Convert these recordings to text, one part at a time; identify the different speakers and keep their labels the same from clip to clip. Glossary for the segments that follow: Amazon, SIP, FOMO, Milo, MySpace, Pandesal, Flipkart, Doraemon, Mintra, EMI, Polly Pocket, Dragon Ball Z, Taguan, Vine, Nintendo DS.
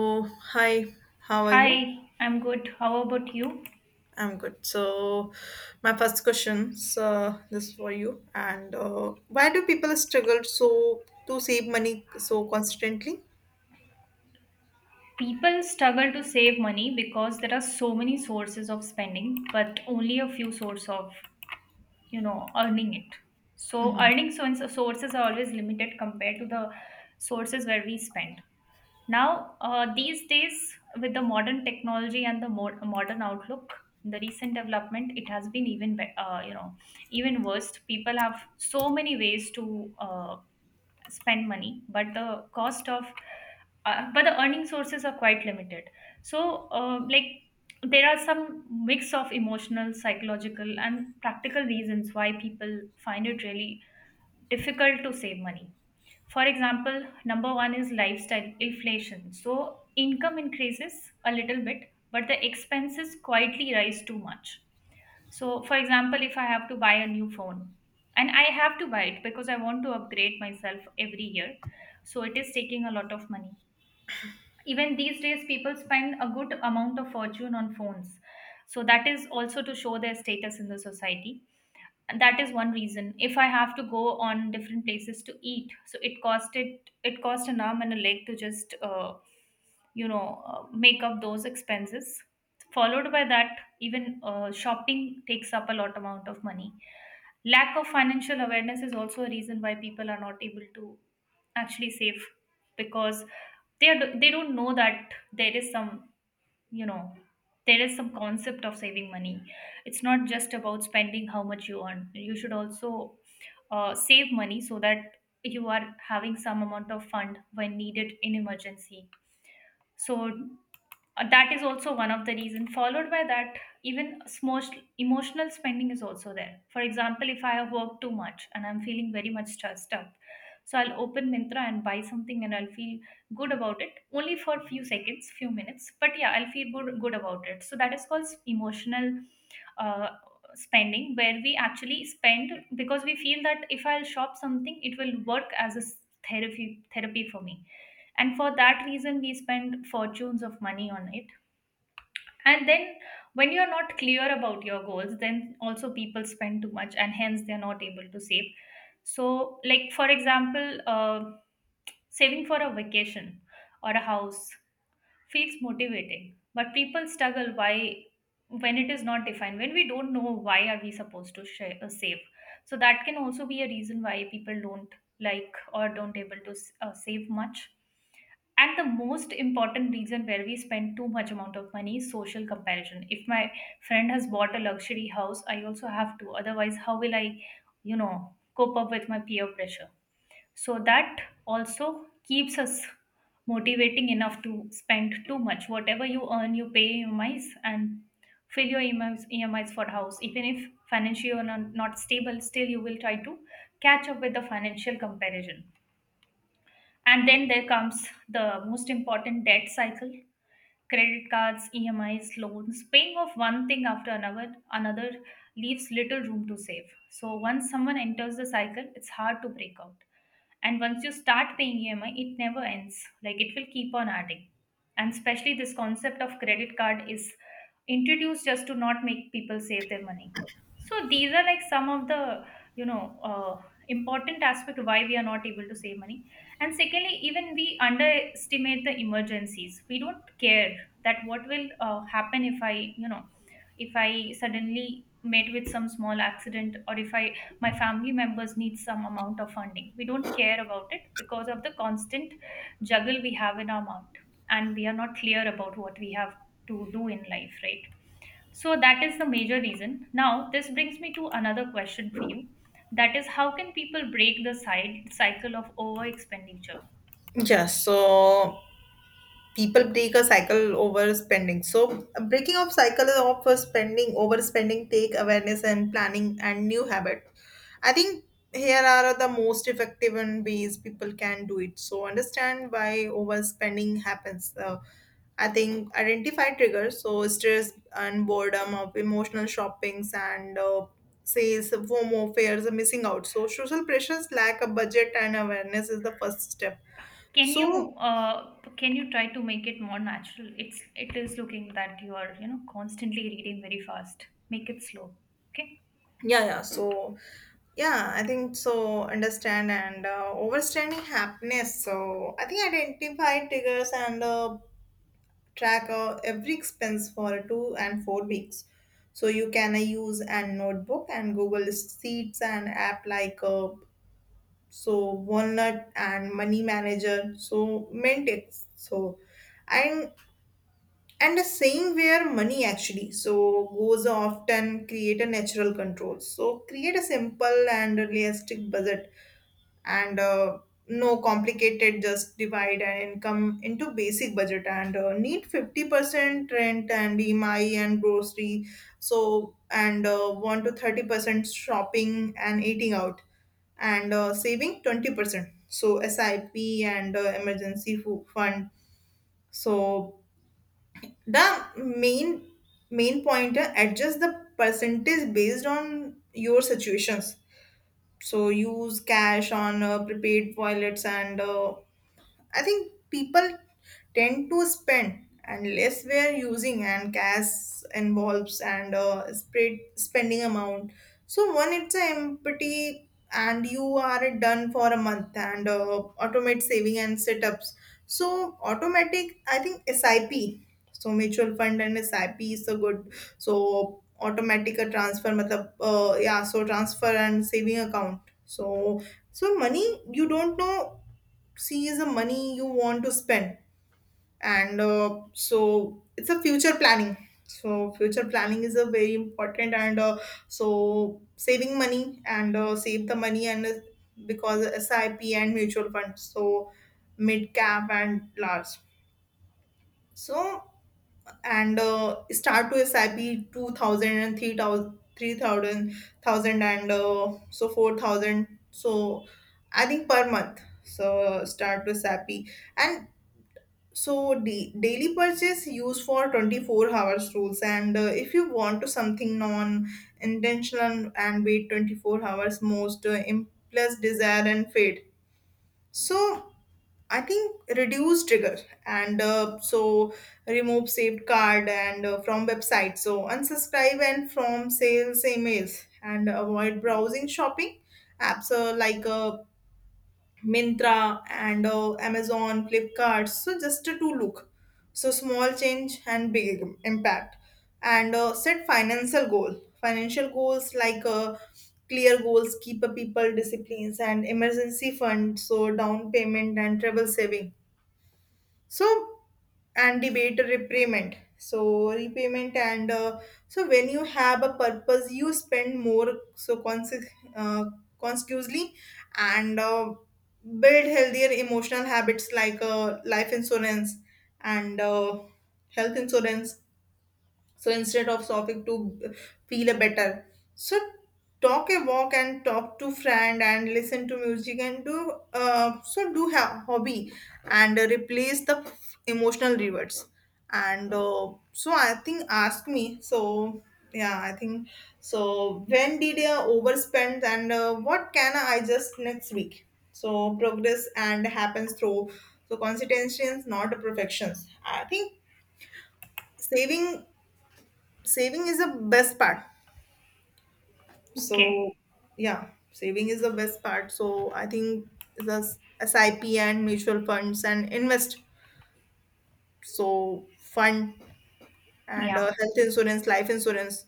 Speaker 1: Oh, hi, how are you?
Speaker 2: Hi, I'm good. How about you?
Speaker 1: I'm good. So, my first question, this is for you. And why do people struggle so to save money so constantly?
Speaker 2: People struggle to save money because there are so many sources of spending, but only a few source of, earning it. So
Speaker 1: Mhm.
Speaker 2: earning sources are always limited compared to the sources where we spend. Now, these days, with the modern technology and the more modern outlook, the recent development, it has been even, be- you know, even worse. People have so many ways to spend money, but the cost of but the earning sources are quite limited, so like, there are some mix of emotional, psychological and practical reasons why people find it really difficult to save money. For example, number one is lifestyle inflation. So income increases a little bit, but the expenses quietly rise too much. So, for example, if I have to buy a new phone, and I have to buy it because I want to upgrade myself every year, so it is taking a lot of money. Even these days, people spend a good amount of fortune on phones. So that is also to show their status in the society. And that is one reason. If I have to go on different places to eat, so it cost an arm and a leg to just make up those expenses, followed by that, even shopping takes up a lot amount of money. Lack of financial awareness is also a reason why people are not able to actually save, because they don't know that there is some, you know there is some concept of saving money. It's not just about spending how much you earn, you should also save money so that you are having some amount of fund when needed in emergency. So that is also one of the reason, followed by that, even emotional spending is also there. For example, if I have worked too much and I'm feeling very much stressed up, so I'll open Mintra and buy something and I'll feel good about it only for a few seconds, few minutes, but yeah, I'll feel good, good about it. So that is called emotional uh, spending, where we actually spend because we feel that if I'll shop something, it will work as a therapy for me. And for that reason we spend fortunes of money on it. And then, when you're not clear about your goals, then also people spend too much and hence they're not able to save. So, like for example, saving for a vacation or a house feels motivating, but people struggle. Why? When it is not defined, when we don't know why are we supposed to save. So that can also be a reason why people don't like or don't able to save much. And the most important reason where we spend too much amount of money is social comparison. If my friend has bought a luxury house, I also have to, otherwise how will I, you know cope up with my peer pressure. So that also keeps us motivating enough to spend too much. Whatever you earn, you pay EMIs and fill your EMIs for house, even if financially you're not stable, still you will try to catch up with the financial comparison. And then there comes the most important, debt cycle. Credit cards, EMIs, loans. Paying off one thing after another leaves little room to save. So once someone enters the cycle, it's hard to break out, and once you start paying EMI, it never ends. Like, it will keep on adding. And especially this concept of credit card is introduced just to not make people save their money. So these are like some of the you know uh, important aspect why we are not able to save money. And secondly, even we underestimate the emergencies. We don't care that what will happen if I, if I suddenly met with some small accident, or if I, my family members need some amount of funding, we don't care about it because of the constant juggle we have in our mind, and we are not clear about what we have to do in life, right? So that is the major reason. Now this brings me to another question for you, that is, how can people break the side cycle of over expenditure?
Speaker 1: Yeah, so people break a cycle over spending. So breaking of cycle of spending, overspending, take awareness and planning and new habit. I think here are the most effective and ways people can do it. So understand why overspending happens. I think identify triggers, so stress and boredom of emotional shoppings and sales, FOMO, fears, of missing out. So social pressures, lack of budget and awareness is the first step.
Speaker 2: Can you,
Speaker 1: So
Speaker 2: uh, can you try to make it more natural? It is looking that you are, constantly reading very fast. Make it slow. Okay.
Speaker 1: yeah. So yeah, I think so. Understand and overstanding happiness. So I think identify triggers and track every expense for 2 and 4 weeks. So you can use a notebook and Google Sheets and app like so walnut and money manager so mint it's so and and a saying where money actually so goes often create a natural control. So create a simple and realistic budget and no complicated, just divide an income into basic budget and need 50% rent and EMI and grocery so and 1 to 30% shopping and eating out and saving 20%. So SIP and emergency fund. So the main point, adjust the percentage based on your situations. So use cash on prepaid wallets and I think people tend to spend and less we are using and cash involves and spread spending amount. So one, it's a empty and you are done for a month and automate saving and setups. So automatic, I think SIP. So mutual fund and SIP is a good. So automatic a transfer, matlab, yeah. So transfer and saving account. So so money you don't know C is the money you want to spend, and so it's a future planning. So future planning is a very important, and so saving money and save the money and because SIP and mutual funds, so mid cap and large. So and start to SIP 2000 and 3000 and so 4000 so I think per month so start to SIP and. So daily purchase use for 24 hours rules and if you want to something non intentional and wait 24 hours, most impulse desire and fade. So I think reduce trigger and so remove saved card and from website. So unsubscribe and from sales emails and avoid browsing shopping apps like Mintra and Amazon, Flipkart. So just to look. So small change and big impact. And set financial goal. Financial goals like clear goals, keep a people disciplines and emergency fund. So down payment and travel saving. So and debate repayment so repayment and so when you have a purpose you spend more so uh, consecutively and build healthier emotional habits like life insurance and health insurance so instead of stopping to feel a better, so talk a walk and talk to friend and listen to music and do so do have hobby and replace the emotional rewards. And so I think ask me. So yeah, I think so. When did I overspend and what can I just next week? So progress and happens through so consistency, not perfections. I think saving saving is the best part.
Speaker 2: Okay.
Speaker 1: So yeah, saving is the best part, so I think the sip and mutual funds and invest so fund and
Speaker 2: Yeah.
Speaker 1: health insurance life insurance.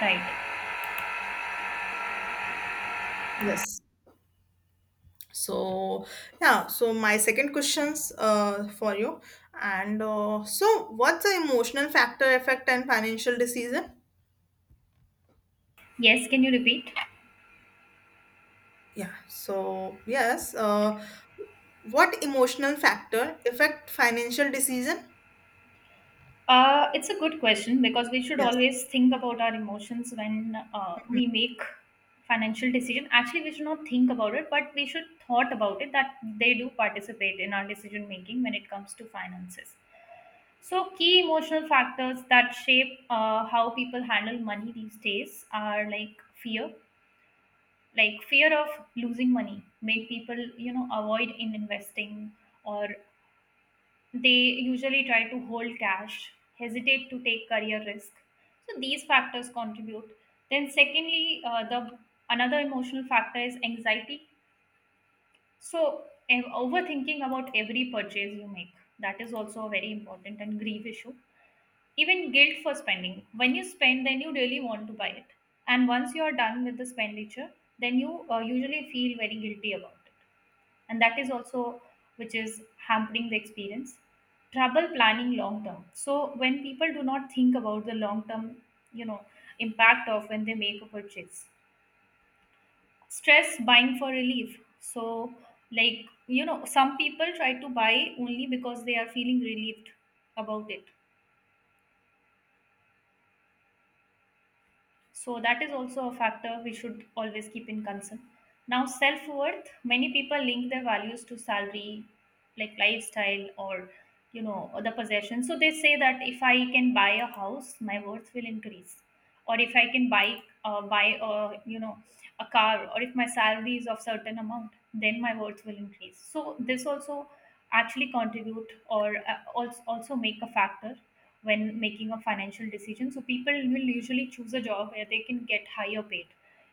Speaker 2: Right.
Speaker 1: Yes, so yeah, so my second questions for you and so what's the emotional factor effect and financial decision?
Speaker 2: Yes, can you repeat?
Speaker 1: Yeah, so yes, what emotional factor affect financial decision?
Speaker 2: It's a good question, because we should
Speaker 1: Yes.
Speaker 2: always think about our emotions when we make financial decision. Actually, we should not think about it, but we should thought about it, that they do participate in our decision making when it comes to finances. So, key emotional factors that shape how people handle money these days are like fear. Like fear of losing money, make people, avoid in investing, or they usually try to hold cash, hesitate to take career risk. So these factors contribute. Then secondly, the another emotional factor is anxiety. So overthinking about every purchase you make, that is also a very important and grief issue. Even guilt for spending. When you spend, then you really want to buy it, and once you are done with the expenditure, then you usually feel very guilty about it, and that is also which is hampering the experience. Trouble planning long term. So when people do not think about the long term, you know impact of when they make a purchase. Stress buying for relief. So, like, some people try to buy only because they are feeling relieved about it. So that is also a factor we should always keep in concern. Now, self worth. Many people link their values to salary, like lifestyle, or, other possessions. So they say that if I can buy a house, my worth will increase, or if I can buy a, a car, or if my salary is of certain amount, then my worth will increase. So this also actually contribute, or also make a factor when making a financial decision. So people will usually choose a job where they can get higher paid,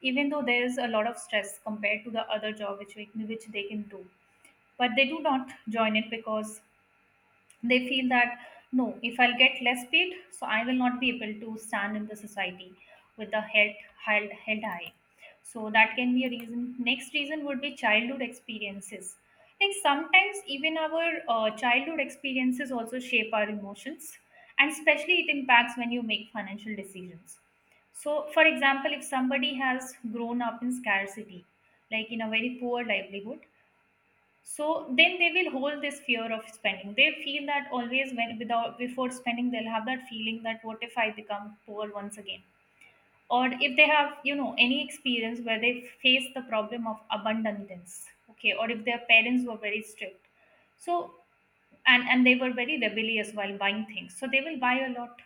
Speaker 2: even though there's a lot of stress compared to the other job which which they can do. But they do not join it because they feel that, no, if I'll get less paid, so I will not be able to stand in the society with the head held high. So that can be a reason. Next reason would be childhood experiences. Like sometimes even our childhood experiences also shape our emotions, and especially it impacts when you make financial decisions. So, for example, if somebody has grown up in scarcity, like in a very poor livelihood, so then they will hold this fear of spending. They feel that always, when, without, before spending, they'll have that feeling that what if I become poor once again. Or if they have, any experience where they face the problem of abundance. Okay. Or if their parents were very strict, so and they were very rebellious while buying things, so they will buy a lot.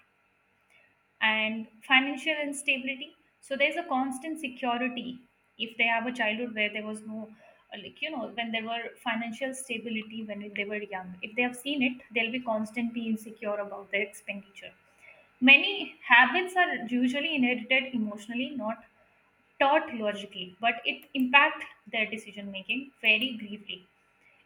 Speaker 2: And financial instability. So there's a constant security. If they have a childhood where there was no, when there were financial stability when they were young, if they have seen it, they'll be constantly insecure about their expenditure. Many habits are usually inherited emotionally, not taught logically, but it impact their decision making very gravely.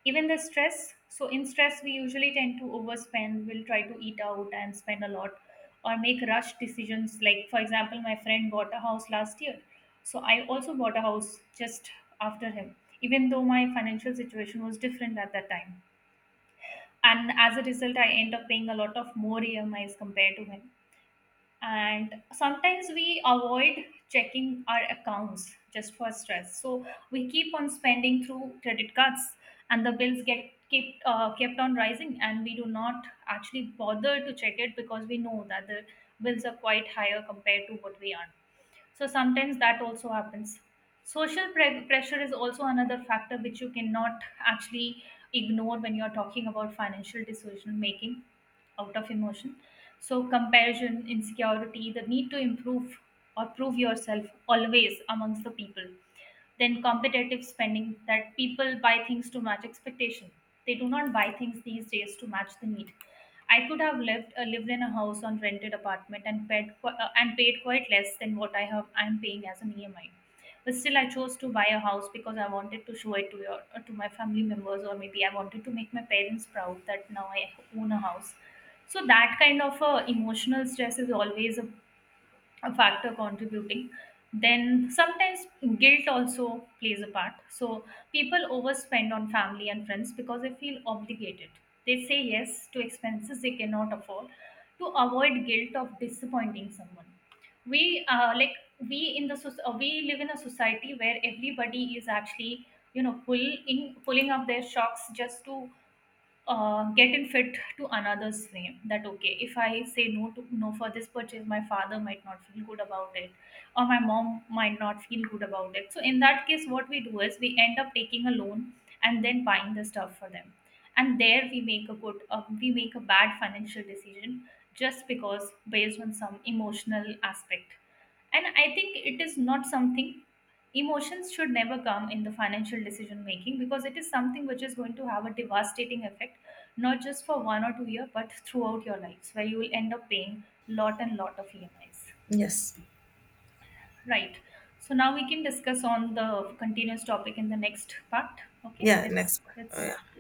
Speaker 2: Even the stress. So in stress we usually tend to overspend, we'll try to eat out and spend a lot, or make rush decisions. Like for example, my friend bought a house last year, so I also bought a house just after him, even though my financial situation was different at that time, and as a result I end up paying a lot of more EMIs compared to him. And sometimes we avoid checking our accounts just for stress, so we keep on spending through credit cards, and the bills get kept on rising, and we do not actually bother to check it, because we know that the bills are quite higher compared to what we earn. So sometimes that also happens. Social pressure is also another factor which you cannot actually ignore when you're talking about financial decision making out of emotion. So, comparison, insecurity, the need to improve or prove yourself always amongst the people. Then, competitive spending, that people buy things to match expectation. They do not buy things these days to match the need. I could have lived in a house on rented apartment and paid quite less than what I am paying as an EMI. But still, I chose to buy a house because I wanted to show it to your to my family members, or maybe I wanted to make my parents proud that now I own a house. So that kind of emotional stress is always a factor contributing. Then sometimes guilt also plays a part. So people overspend on family and friends because they feel obligated. They say yes to expenses they cannot afford, to avoid guilt of disappointing someone. We uh, like we in the soc- uh, live in a society where everybody is actually, you know pull pulling up their shocks, just to getting fit to another's frame, that okay, if I say no to no for this purchase, my father might not feel good about it, or my mom might not feel good about it. So in that case, what we do is we end up taking a loan and then buying the stuff for them, and there we make a bad financial decision, just because based on some emotional aspect, and I think it is not something. Emotions should never come in the financial decision making, because it is something which is going to have a devastating effect, not just for one or two years, but throughout your lives, where you will end up paying lot and lot of EMIs.
Speaker 1: Yes.
Speaker 2: Right. So now we can discuss on the continuous topic in the next part. Okay.
Speaker 1: Yeah,
Speaker 2: Let's
Speaker 1: next one. Oh,
Speaker 2: let's
Speaker 1: yeah.